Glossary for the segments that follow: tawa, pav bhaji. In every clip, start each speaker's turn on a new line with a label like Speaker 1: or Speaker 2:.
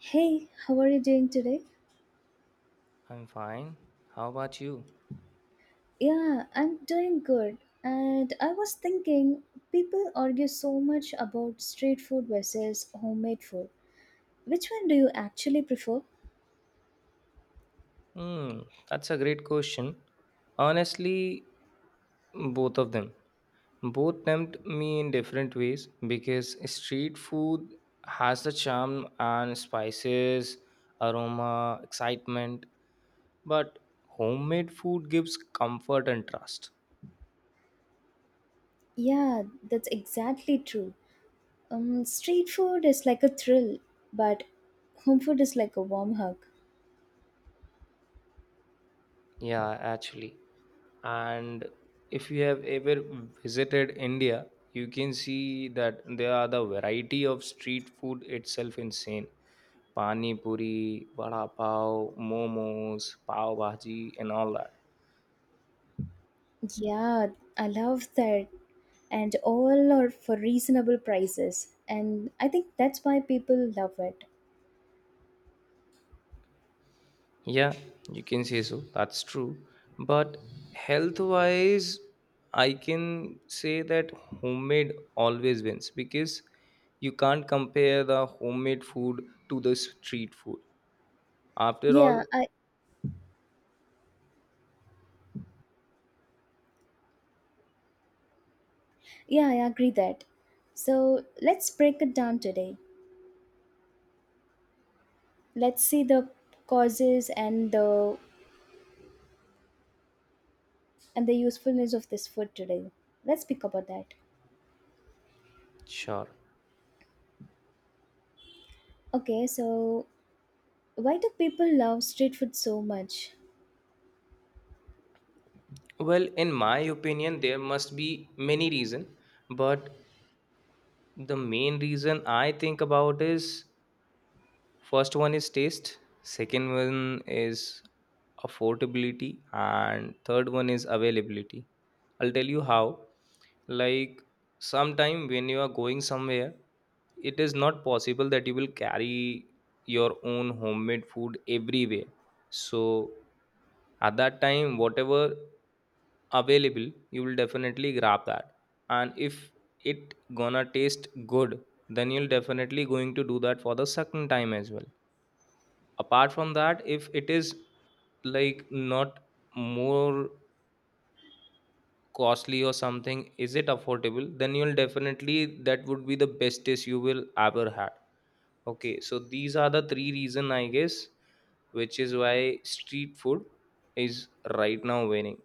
Speaker 1: Hey, how are you doing today?
Speaker 2: I'm fine. How about you?
Speaker 1: Yeah, I'm doing good. And I was thinking, people argue so much about street food versus homemade food. Which one do you actually prefer?
Speaker 2: Hmm, that's a great question. Honestly, both of them. Both tempt me in different ways because street food has the charm and spices, aroma, excitement, but homemade food gives comfort and trust.
Speaker 1: Yeah, that's exactly true. Street food is like a thrill, but home food is like a warm hug.
Speaker 2: Yeah, actually. And if you have ever visited India, you can see that there are the variety of street food itself insane. Pani puri, vada pav, momos, pav bhaji, and all that.
Speaker 1: Yeah, I love that. And all are for reasonable prices. And I think that's why people love it.
Speaker 2: Yeah, you can say so. That's true. But health wise, I can say that homemade always wins because you can't compare the homemade food to the street food. After
Speaker 1: Yeah,
Speaker 2: all,
Speaker 1: I Yeah, I agree that. So let's break it down today. Let's see the causes and the usefulness of this food today. Let's speak about that.
Speaker 2: sure.
Speaker 1: Okay, so why do people love street food so much?
Speaker 2: Well, in my opinion, there must be many reason, but the main reason I think about is, first one is taste, second one is affordability, and third one is availability. I'll tell you how. Like sometime when you are going somewhere, it is not possible that you will carry your own homemade food everywhere. So at that time whatever available you will definitely grab that, and if it gonna taste good then you'll definitely going to do that for the second time as well. Apart from that, if it is like not more costly or something, is it affordable, then you'll definitely, that would be the best taste you will ever had. Okay, so these are the three reason I guess which is why street food is right now winning.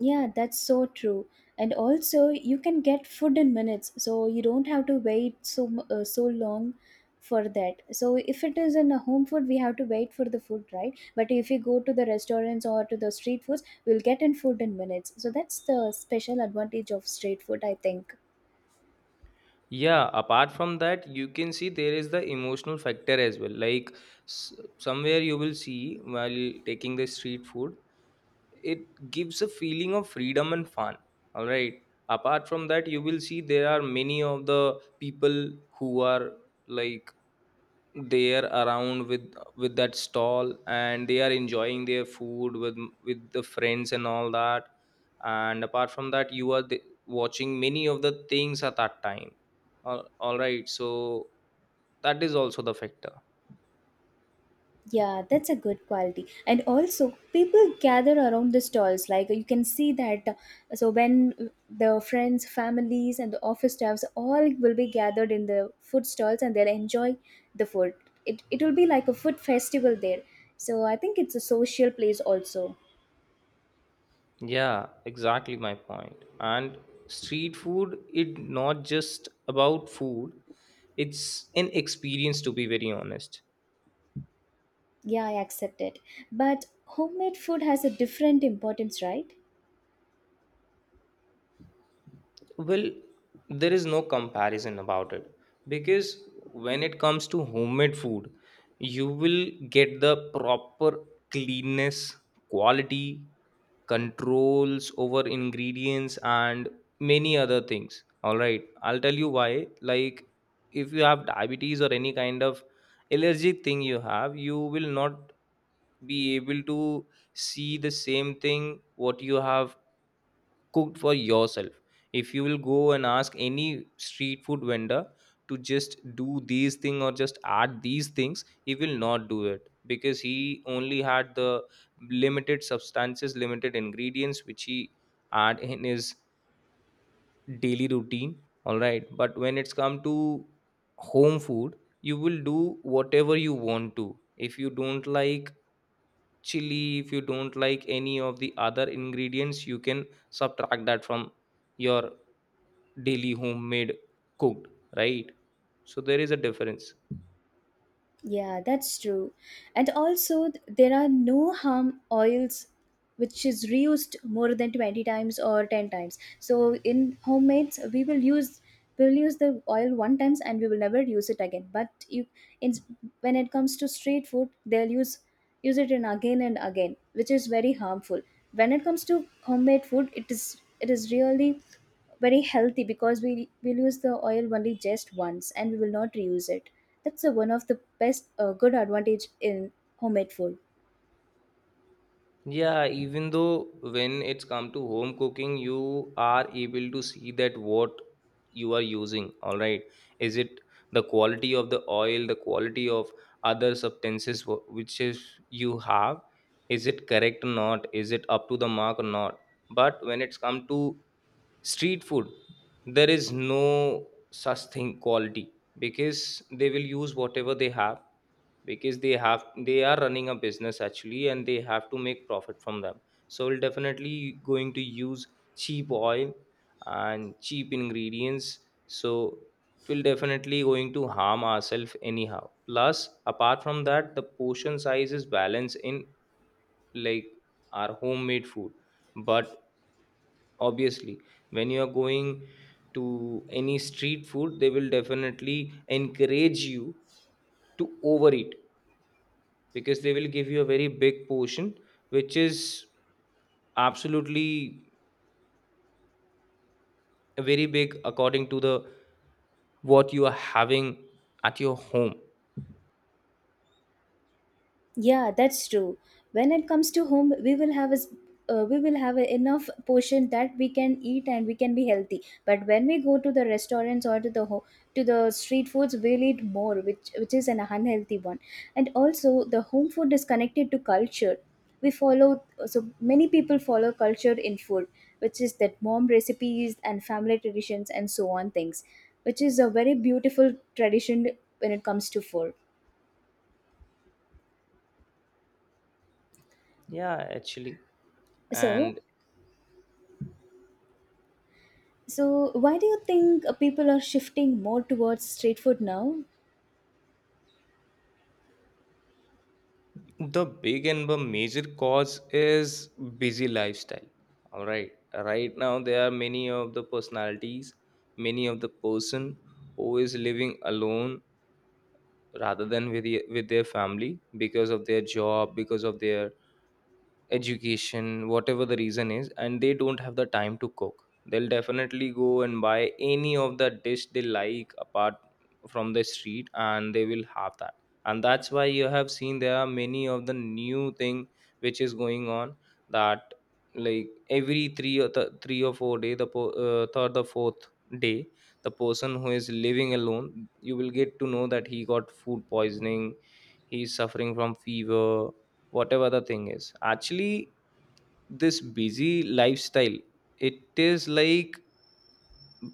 Speaker 1: Yeah, that's so true. And also, you can get food in minutes, so you don't have to wait so long for that. So if it is in a home food, we have to wait for the food, right? But if you go to the restaurants or to the street foods, we'll get in food in minutes. So that's the special advantage of street food, I think.
Speaker 2: Yeah, apart from that you can see there is the emotional factor as well. Like s- somewhere you will see while taking the street food, it gives a feeling of freedom and fun. All right, apart from that you will see there are many of the people who are like there around with that stall, and they are enjoying their food with the friends and all that. And apart from that you are the, watching many of the things at that time. All right, so that is also the factor.
Speaker 1: Yeah, that's a good quality. And also, people gather around the stalls. Like you can see that. So when the friends, families, and the office staffs all will be gathered in the food stalls, and they'll enjoy the food. It will be like a food festival there. So I think it's a social place also.
Speaker 2: Yeah, exactly my point. And street food, it not just about food. It's an experience, to be very honest.
Speaker 1: Yeah, I accept it. But homemade food has a different importance, right?
Speaker 2: Well, there is no comparison about it because when it comes to homemade food, you will get the proper cleanness, quality, controls over ingredients, and many other things. All right, I'll tell you why. Like, if you have diabetes or any kind of allergic thing you have, you will not be able to see the same thing what you have cooked for yourself. If you will go and ask any street food vendor to just do these things or just add these things, he will not do it because he only had the limited substances, limited ingredients which he add in his daily routine. All right, but when it's come to home food, you will do whatever you want to. If you don't like chili, if you don't like any of the other ingredients, you can subtract that from your daily homemade cooked. Right, so there is a difference.
Speaker 1: Yeah, that's true. And also, there are no harm oils which is reused more than 20 times or 10 times. So in homemades, we'll use the oil one times and we will never use it again. But you in when it comes to street food, they'll use it in again and again, which is very harmful. When it comes to homemade food, it is really very healthy because we will use the oil only just once and we will not reuse it. That's one of the best, good advantage in homemade food.
Speaker 2: Yeah, even though when it's come to home cooking you are able to see that what you are using. All right, is it the quality of the oil, the quality of other substances which is you have, is it correct or not, is it up to the mark or not. But when it's come to street food, there is no such thing quality because they will use whatever they have, because they have, they are running a business actually and they have to make profit from them. So we'll definitely going to use cheap oil and cheap ingredients, so it will definitely going to harm ourselves anyhow. Plus apart from that, the portion size is balanced in like our homemade food, but obviously when you are going to any street food they will definitely encourage you to overeat because they will give you a very big portion, which is absolutely very big according to the what you are having at your home.
Speaker 1: Yeah, that's true. When it comes to home, we will have a enough portion that we can eat and we can be healthy. But when we go to the restaurants or to the to the street foods, we'll eat more, which is an unhealthy one. And also, the home food is connected to culture. We follow so many people follow culture in food, which is that mom recipes and family traditions and so on things, which is a very beautiful tradition when it comes to food.
Speaker 2: Yeah, actually.
Speaker 1: So
Speaker 2: And
Speaker 1: So, why do you think people are shifting more towards street food now?
Speaker 2: the big and the major cause is busy lifestyle. All right. Right now there are many of the personalities, many of the person who is living alone rather than with their family because of their job, because of their education, whatever the reason is, and they don't have the time to cook. They'll definitely go and buy any of the dish they like apart from the street and they will have that. And that's why you have seen there are many of the new thing which is going on, that like every 3 or 4 day the third or fourth day, the person who is living alone, you will get to know that he got food poisoning, he's suffering from fever, whatever the thing is actually. This busy lifestyle, it is like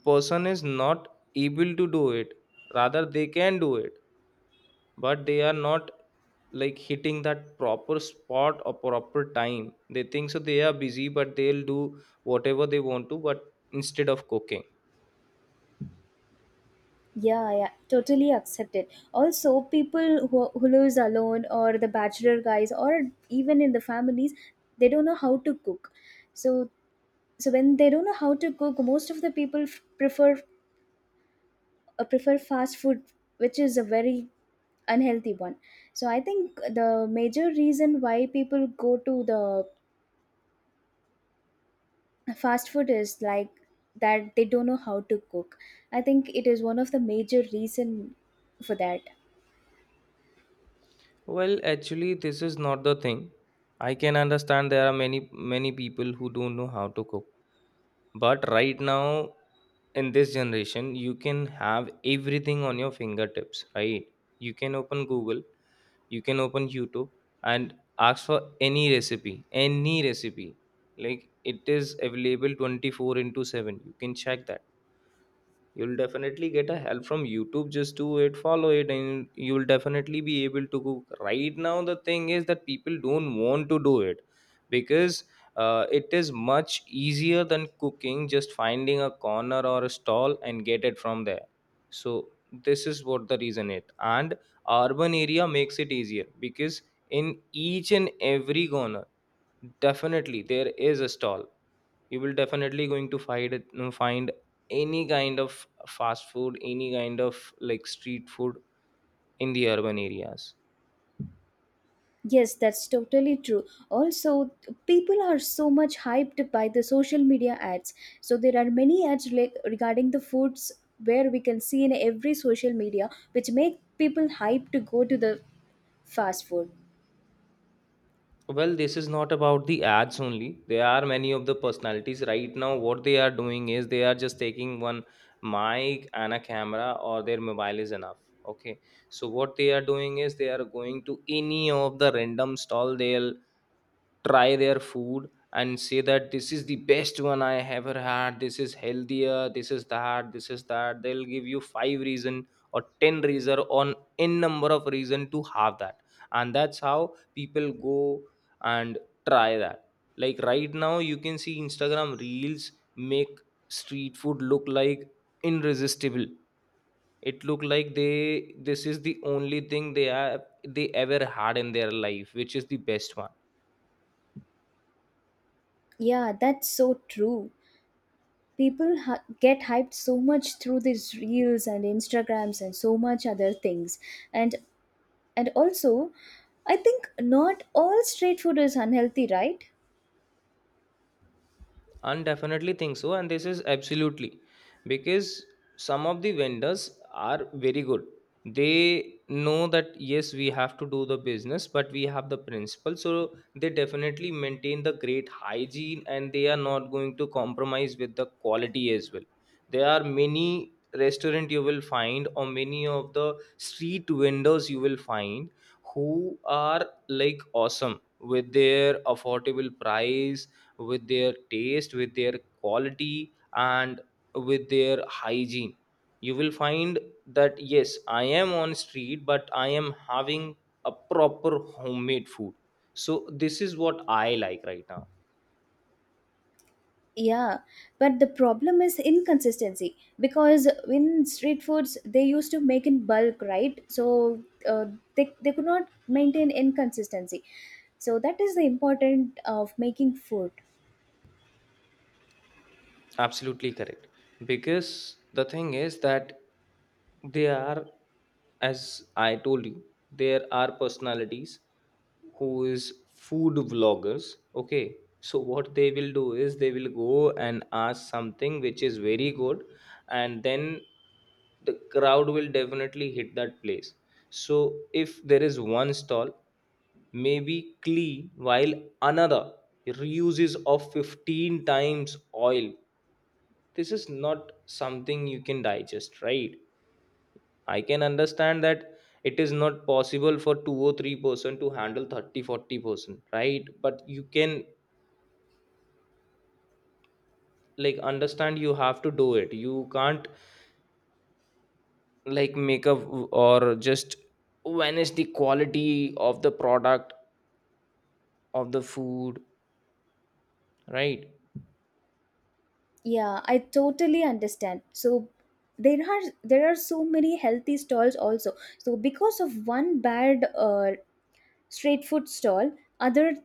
Speaker 2: person is not able to do it, rather they can do it but they are not like hitting that proper spot or proper time. They think so, they are busy, but they'll do whatever they want to but instead of cooking.
Speaker 1: Yeah, yeah, totally accept it. Also, people who lives alone or the bachelor guys or even in the families, they don't know how to cook. So, so, when they don't know how to cook, most of the people prefer fast food, which is a very unhealthy one. So, I think the major reason why people go to the fast food is like that they don't know how to cook. I think it is one of the major reason for that.
Speaker 2: Well, actually, this is not the thing. I can understand there are many, many people who don't know how to cook. But right now, in this generation, you can have everything on your fingertips, right? You can open Google, you can open YouTube, and ask for any recipe, any recipe. Like it is available 24 into 7. You can check that, you'll definitely get a help from YouTube, just do it, follow it, and you'll definitely be able to cook. Right now the thing is that people don't want to do it because it is much easier than cooking, just finding a corner or a stall and get it from there. So this is what the reason it, and urban area makes it easier because in each and every corner definitely there is a stall. You will definitely going to find it. No, find any kind of fast food, any kind of like street food in the urban areas.
Speaker 1: Yes, that's totally true. Also, people are so much hyped by the social media ads, so there are many ads like regarding the foods where we can see in every social media which make people hype to go to the fast food.
Speaker 2: Well, this is not about the ads only. There are many of the personalities right now. What they are doing is they are just taking one mic and a camera or their mobile is enough. Okay, so what they are doing is they are going to any of the random stall, they'll try their food and say that this is the best one I ever had, this is healthier, this is that, this is that. They'll give you 5 reason or 10 reason on n number of reason to have that, and that's how people go and try that. Like right now you can see Instagram reels make street food look like irresistible. It look like they, this is the only thing they have, they ever had in their life, which is the best one.
Speaker 1: Yeah, that's so true. People get hyped so much through these reels and instagrams and so much other things. And And also, I think not all street food is unhealthy, right?
Speaker 2: I definitely think so, and this is absolutely because some of the vendors are very good. They know that yes, we have to do the business, but we have the principle, so they definitely maintain the great hygiene and they are not going to compromise with the quality as well. There are many restaurant you will find, or many of the street vendors you will find who are like awesome with their affordable price, with their taste, with their quality, and with their hygiene. You will find that yes, I am on street but I am having a proper homemade food. So this is what I like right now.
Speaker 1: Yeah, but the problem is inconsistency because in street foods they used to make in bulk, right? So they could not maintain inconsistency. So that is the important of making food.
Speaker 2: Absolutely correct. Because the thing is that they are, as I told you, there are personalities who is food vloggers. Okay. So what they will do is they will go and ask something which is very good, and then the crowd will definitely hit that place. So if there is one stall, maybe clean, while another reuses of 15 times oil, this is not something you can digest, right? I can understand that it is not possible for 2 or 3 percent to handle 30, forty 40 percent, right? But you can like understand, you have to do it. You can't like make up or just vanish the quality of the product, of the food, right?
Speaker 1: Yeah, I totally understand. So there are so many healthy stalls also. So because of one bad street food stall, other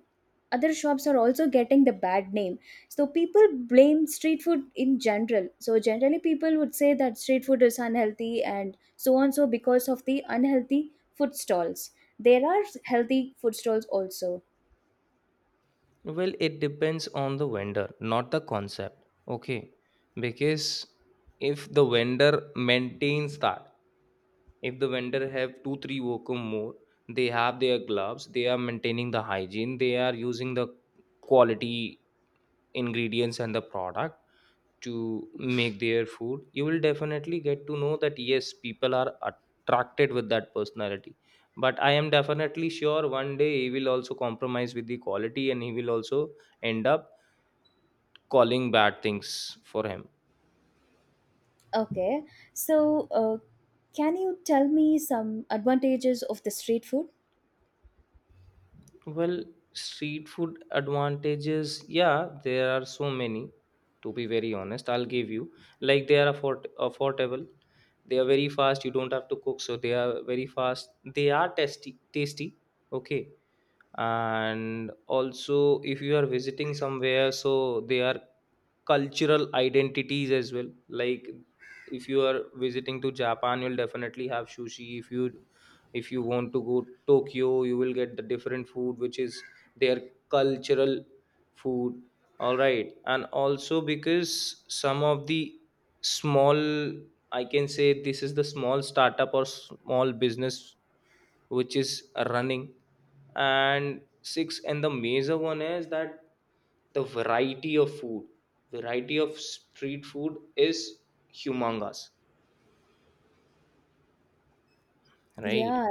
Speaker 1: other shops are also getting the bad name. So people blame street food in general. So generally people would say that street food is unhealthy and so on. So because of the unhealthy food stalls there are healthy food stalls also.
Speaker 2: Well, it depends on the vendor, not the concept. Okay, because if the vendor maintains that, if the vendor have 2 3 worker more, they have their gloves, they are maintaining the hygiene, they are using the quality ingredients and the product to make their food, you will definitely get to know that yes, people are attracted with that personality. But I am definitely sure one day he will also compromise with the quality and he will also end up calling bad things for him.
Speaker 1: Okay, so can you tell me some advantages of the street food?
Speaker 2: Well, street food advantages, yeah, there are so many. To be very honest, I'll give you. Like they are affordable. They are very fast. You don't have to cook, so they are very fast. They are tasty. Okay, and also if you are visiting somewhere so they are cultural identities as well, like if you are visiting to japan you'll definitely have sushi. If you if you want to go tokyo you will get the different food which is their cultural food. All right, and also because some of the small, I can say this is the small startup or small business which is running. And six and the major one is that the variety of food, variety of street food is humongous, right?
Speaker 1: Yeah,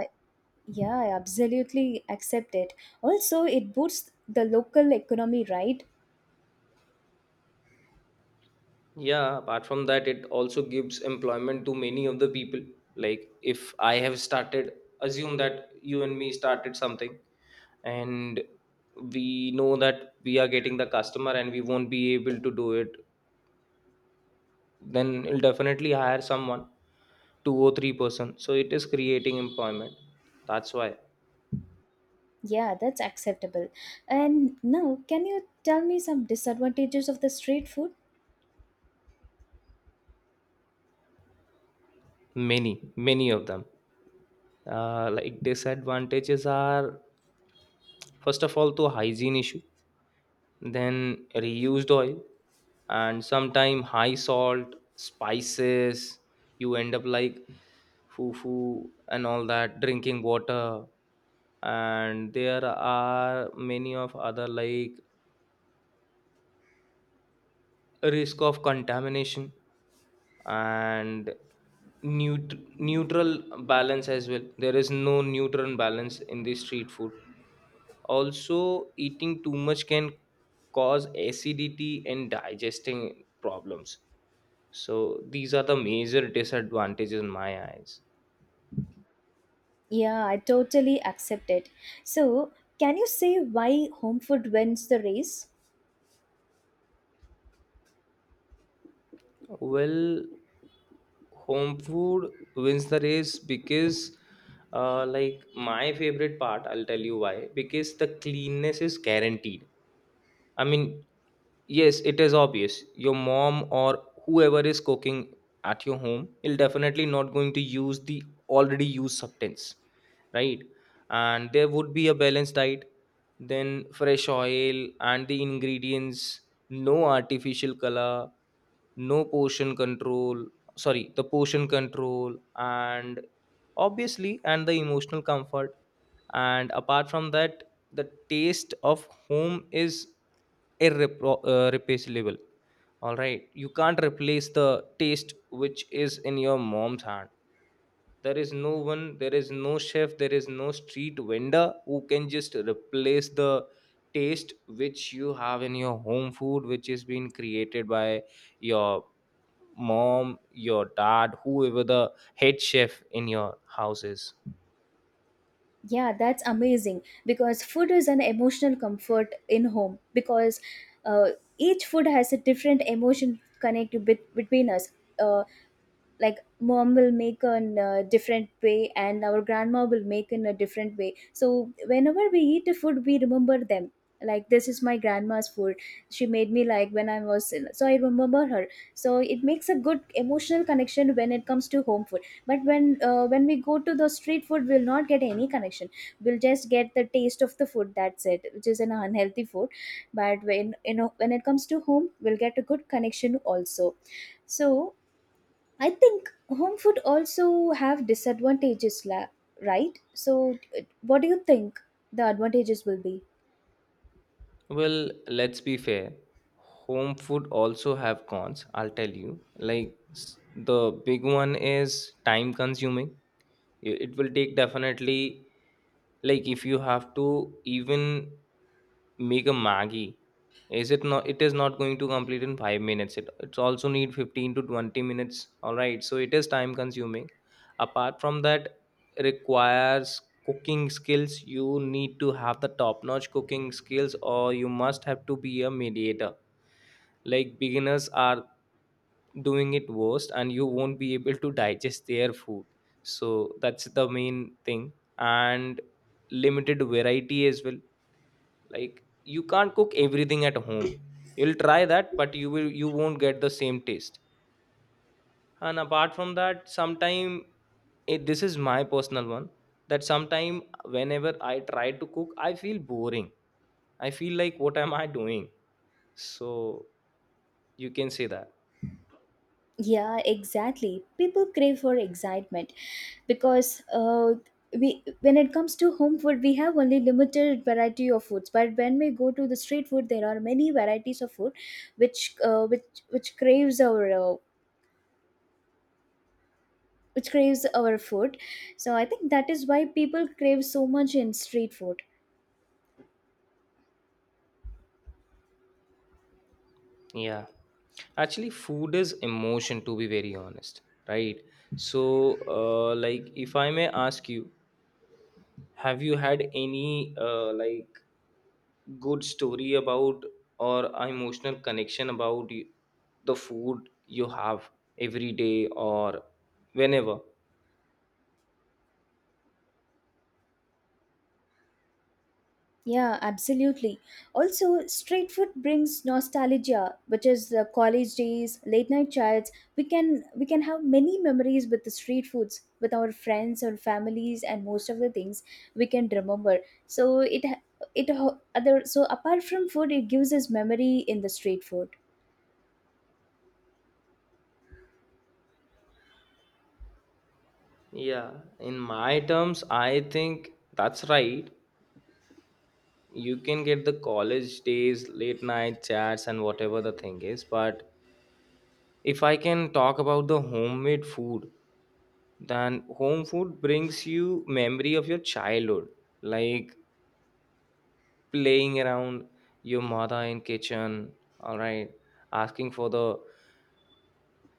Speaker 1: yeah, I absolutely accept it. Also, it boosts the local economy, right?
Speaker 2: Yeah, apart from that it also gives employment to many of the people. Like if I have started, assume that you and me started something, and we know that we are getting the customer and we won't be able to do it, then it'll definitely hire someone, two or three person, so it is creating employment. That's why
Speaker 1: Yeah, that's acceptable. And now, can you tell me some disadvantages of the street food?
Speaker 2: many many of them. Like disadvantages are, first of all, to hygiene issue, then reused oil and sometime high salt spices. You end up like fufu and all that drinking water, and there are many of other like risk of contamination and neutral balance as well. There is no neutral balance in the street food. Also eating too much can cause acidity and digesting problems. So these are the major disadvantages in my eyes.
Speaker 1: Yeah, I totally accept it. So, can you say why home food wins the race?
Speaker 2: Well, home food wins the race because like my favorite part, I'll tell you why. Because the cleanness is guaranteed, I mean, yes, it is obvious. Your mom or whoever is cooking at your home is definitely not going to use the already used substance, right? And there would be a balanced diet, then fresh oil and the ingredients, no artificial color, no portion control, sorry, the portion control, and obviously, and the emotional comfort. And apart from that, the taste of home is replaceable. All right, you can't replace the taste which is in your mom's hand. There is no one, there is no chef, there is no street vendor who can just replace the taste which you have in your home food, which is being created by your mom, your dad, whoever the head chef in your house is.
Speaker 1: Yeah, that's amazing because food is an emotional comfort in home because uh, each food has a different emotion connect between us. Uh, like mom will make in a different way and our grandma will make in a different way, so whenever we eat a food we remember them, like this is my grandma's food, she made me like when I was, so I remember her. So it makes a good emotional connection when it comes to home food, but when we go to the street food we'll not get any connection. We'll just get the taste of the food, that's it, which is an unhealthy food. But when you know when it comes to home we'll get a good connection also. So I think home food also have disadvantages, right? So, what do you think the advantages will be?
Speaker 2: Well, let's be fair. Home food also have cons, I'll tell you. The big one is time consuming. It will take definitely, like if you have to even make a maggie, is it not, it is not going to complete in 5 minutes. It's also need 15 to 20 minutes, all right, so it is time consuming. Apart from that, requires cooking skills. You need to have the top notch cooking skills or you must have to be a mediator. Like beginners are doing it worst and you won't be able to digest their food. So that's the main thing. And limited variety as well. Like you can't cook everything at home. You'll try that but you won't get the same taste. And apart from that sometime, it, this is my personal one, that sometime whenever I try to cook I feel boring. I feel like what am I doing. So you can say that.
Speaker 1: Yeah, exactly. People crave for excitement because we when it comes to home food, we have only limited variety of foods. But when we go to the street food, there are many varieties of food, which uh, which which craves our uh, which craves our food. So I think that is why people crave so much in street food.
Speaker 2: Yeah, actually food is emotion, to be very honest, right? So like if I may ask you, have you had any like good story about or a emotional connection about the food you have every day or whenever.
Speaker 1: Yeah, absolutely. Also, street food brings nostalgia, which is the college days, late night chats. We can have many memories with the street foods, with our friends or families, and most of the things we can remember. So it ha- it ho- other so apart from food, it gives us memory in the street food.
Speaker 2: Yeah, in my terms I think that's right. You can get the college days late night chats and whatever the thing is, but if I can talk about the homemade food, then home food brings you memory of your childhood, like playing around your mother in kitchen, all right, asking for the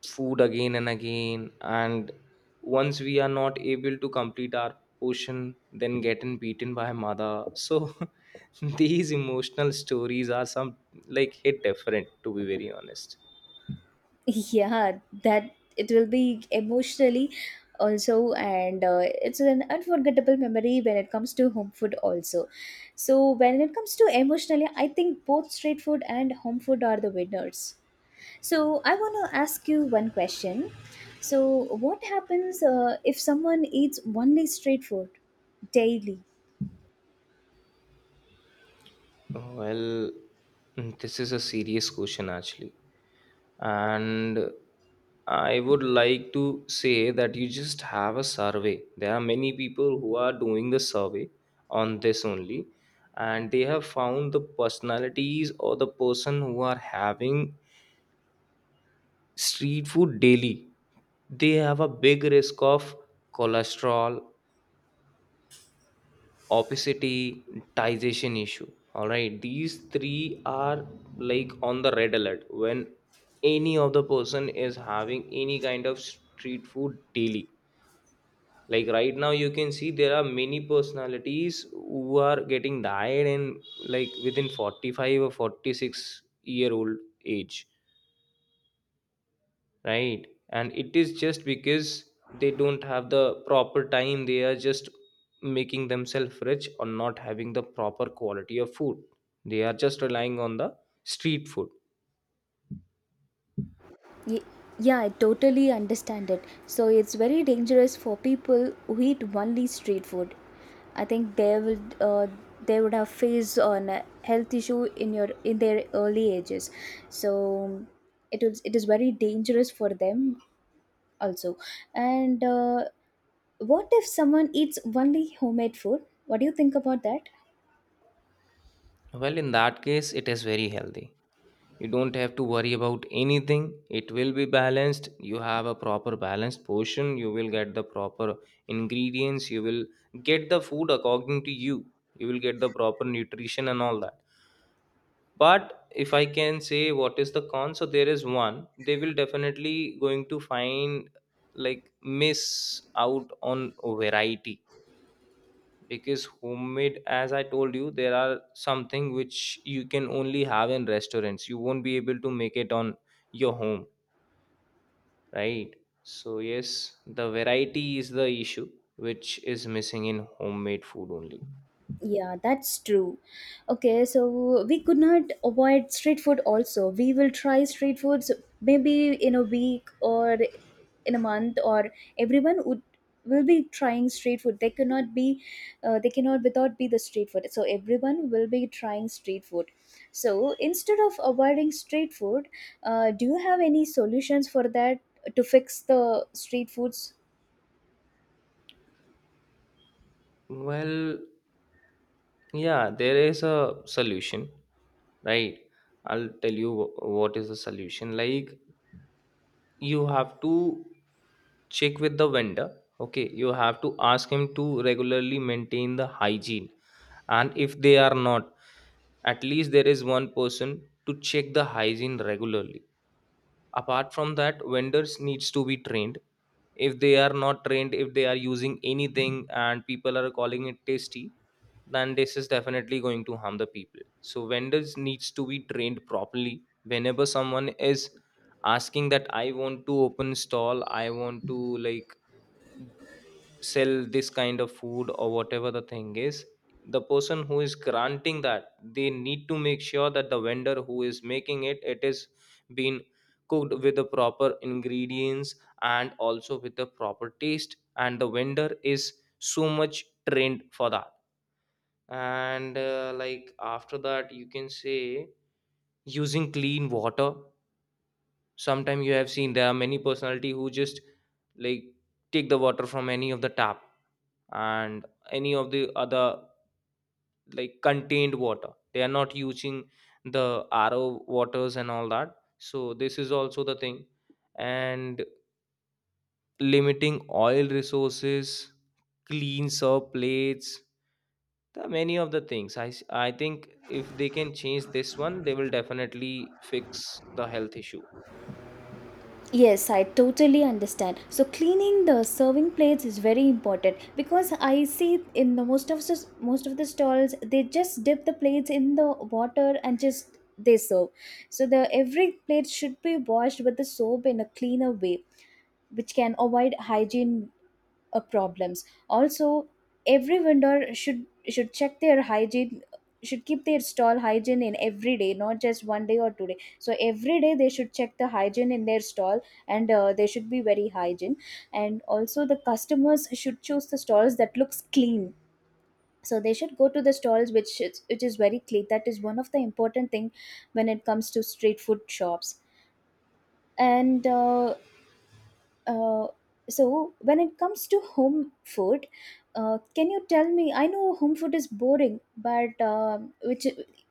Speaker 2: food again and again, and once we are not able to complete our portion then getting beaten by mother. So these emotional stories are some like hit different, to be very honest.
Speaker 1: Yeah, that it will be emotionally also, and it's an unforgettable memory when it comes to home food also. So when it comes to emotionally I think both street food and home food are the winners. So I want to ask you one question. So what happens if someone eats only street food daily?
Speaker 2: Well, this is a serious question, actually. And I would like to say that you just have a survey. There are many people who are doing the survey on this only, and they have found the personalities or the person who are having street food daily, they have a big risk of cholesterol, opacitization issue. All right, these three are like on the red alert when any of the person is having any kind of street food daily. Like right now you can see there are many personalities who are getting died in like within 45 or 46-year-old age, right? And it is just because they don't have the proper time. They are just making themselves rich or not having the proper quality of food. They are just relying on the street food.
Speaker 1: Ye- yeah, I totally understand it. So it's very dangerous for people who eat only street food. I think they would have faced on a health issue in your in their early ages. So it is very dangerous for them also. And what if someone eats only homemade food? What do you think about that?
Speaker 2: Well, in that case it is very healthy. You don't have to worry about anything. It will be balanced, you have a proper balanced portion, you will get the proper ingredients, you will get the food according to you, you will get the proper nutrition and all that. But if I can say what is the con, so there is one, they will definitely going to find like miss out on variety. Because homemade, as I told you, there are something which you can only have in restaurants, you won't be able to make it on your home, right? So yes, the variety is the issue which is missing in homemade food only.
Speaker 1: Yeah, that's true. Okay, so we could not avoid street food also. We will try street foods maybe in a week or in a month or everyone would will be trying street food. They cannot without be the street food. So everyone will be trying street food. So instead of avoiding street food, do you have any solutions for that to fix the street foods?
Speaker 2: Well, yeah, there is a solution, right? I'll tell you what is the solution. Like, you have to check with the vendor. Okay, you have to ask him to regularly maintain the hygiene. And if they are not, at least there is one person to check the hygiene regularly. Apart from that, vendors needs to be trained. If they are not trained, if they are using anything and people are calling it tasty, then this is definitely going to harm the people. So vendors needs to be trained properly. Whenever someone is asking that I want to open stall, I want to like sell this kind of food or whatever the thing is, the person who is granting that, they need to make sure that the vendor who is making it, it is been cooked with the proper ingredients and also with the proper taste, and the vendor is so much trained for that. And like after that you can say using clean water. Sometimes you have seen there are many personality who just like take the water from any of the tap and any of the other like contained water, they are not using the RO waters and all that, so this is also the thing. And limiting oil resources, clean serve plates, there are many of the things I think if they can change this one they will definitely fix the health issue.
Speaker 1: Yes, I totally understand. So cleaning the serving plates is very important because I see in most of the stalls they just dip the plates in the water and just they serve. So the every plate should be washed with the soap in a cleaner way which can avoid hygiene problems also. Every vendor should check their hygiene, should keep their stall hygiene in every day, not just one day or 2 day. So every day they should check the hygiene in their stall, and they should be very hygiene. And also the customers should choose the stalls that looks clean, so they should go to the stalls, which is very clean. That is one of the important thing when it comes to street food shops. And uh, so when it comes to home food, can you tell me? I know home food is boring, but which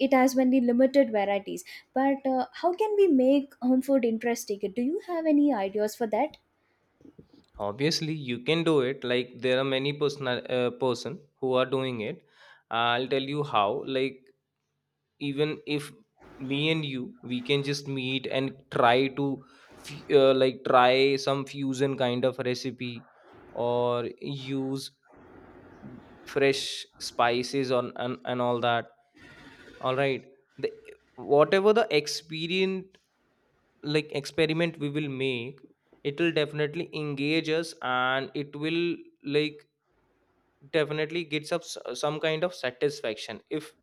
Speaker 1: it has many limited varieties. But how can we make home food interesting? Do you have any ideas for that?
Speaker 2: Obviously you can do it. Like there are many person who are doing it. I'll tell you how. Like even if me and you we can just meet and try to like try some fusion kind of recipe or use fresh spices on and all that. All right, the whatever the experience, like experiment we will make, it will definitely engage us and it will like definitely gets up some kind of satisfaction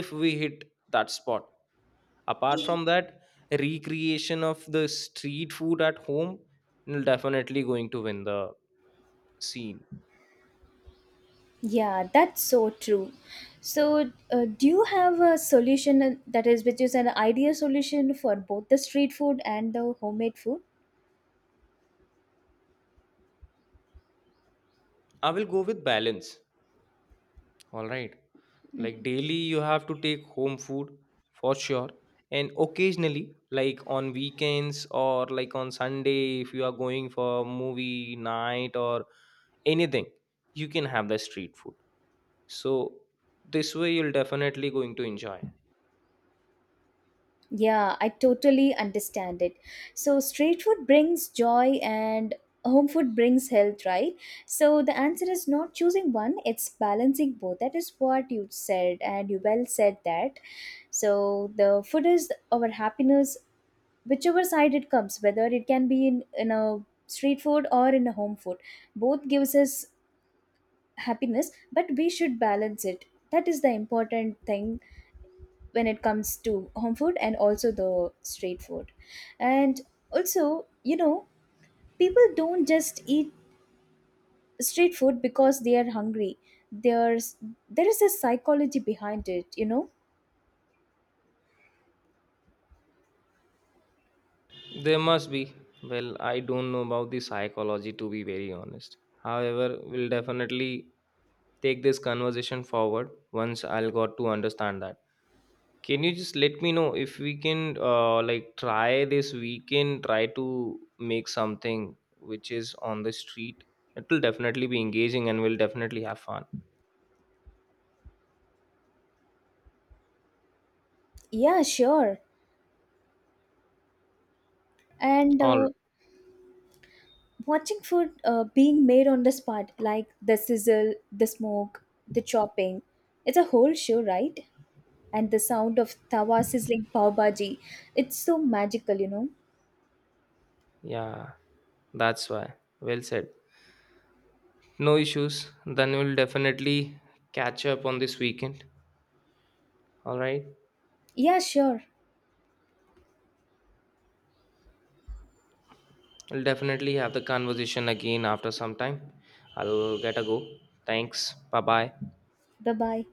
Speaker 2: if we hit that spot. Apart from that, recreation of the street food at home will definitely going to win the scene.
Speaker 1: Yeah, that's so true. So, do you have a solution that is, which is an idea solution for both the street food and the homemade food?
Speaker 2: I will go with balance, all right. Like
Speaker 1: Mhm.
Speaker 2: daily you have to take home food for sure, and occasionally like on weekends or like on sunday if you are going for movie night or anything, you can have the street food. So this way you'll definitely going to enjoy.
Speaker 1: Yeah, I totally understand it. So, street food brings joy and home food brings health, right? So, the answer is not choosing one, it's balancing both. That is what you said, and you well said that. So, the food is our happiness, whichever side it comes, whether it can be in a street food or in a home food. Both gives us happiness, but we should balance it. That is the important thing when it comes to home food and also the street food. And also, people don't just eat street food because they are hungry. There's there is a psychology behind it.
Speaker 2: There must be. Well, I don't know about the psychology, to be very honest. However, we'll definitely take this conversation forward once I'll got to understand that. Can you just let me know if we can like try this weekend, try to make something which is on the street? It will definitely be engaging and we'll definitely have fun.
Speaker 1: Yeah, sure. And
Speaker 2: All
Speaker 1: watching food being made on the spot, like the sizzle, the smoke, the chopping, it's a whole show, right? And the sound of tawa sizzling pav bhaji, it's so magical.
Speaker 2: yeah, that's why. Well said. No issues. Then we'll definitely catch up on this weekend. All right.
Speaker 1: Yeah, sure.
Speaker 2: We'll definitely have the conversation again after some time. I'll get a go. Thanks. Bye bye.
Speaker 1: Bye bye.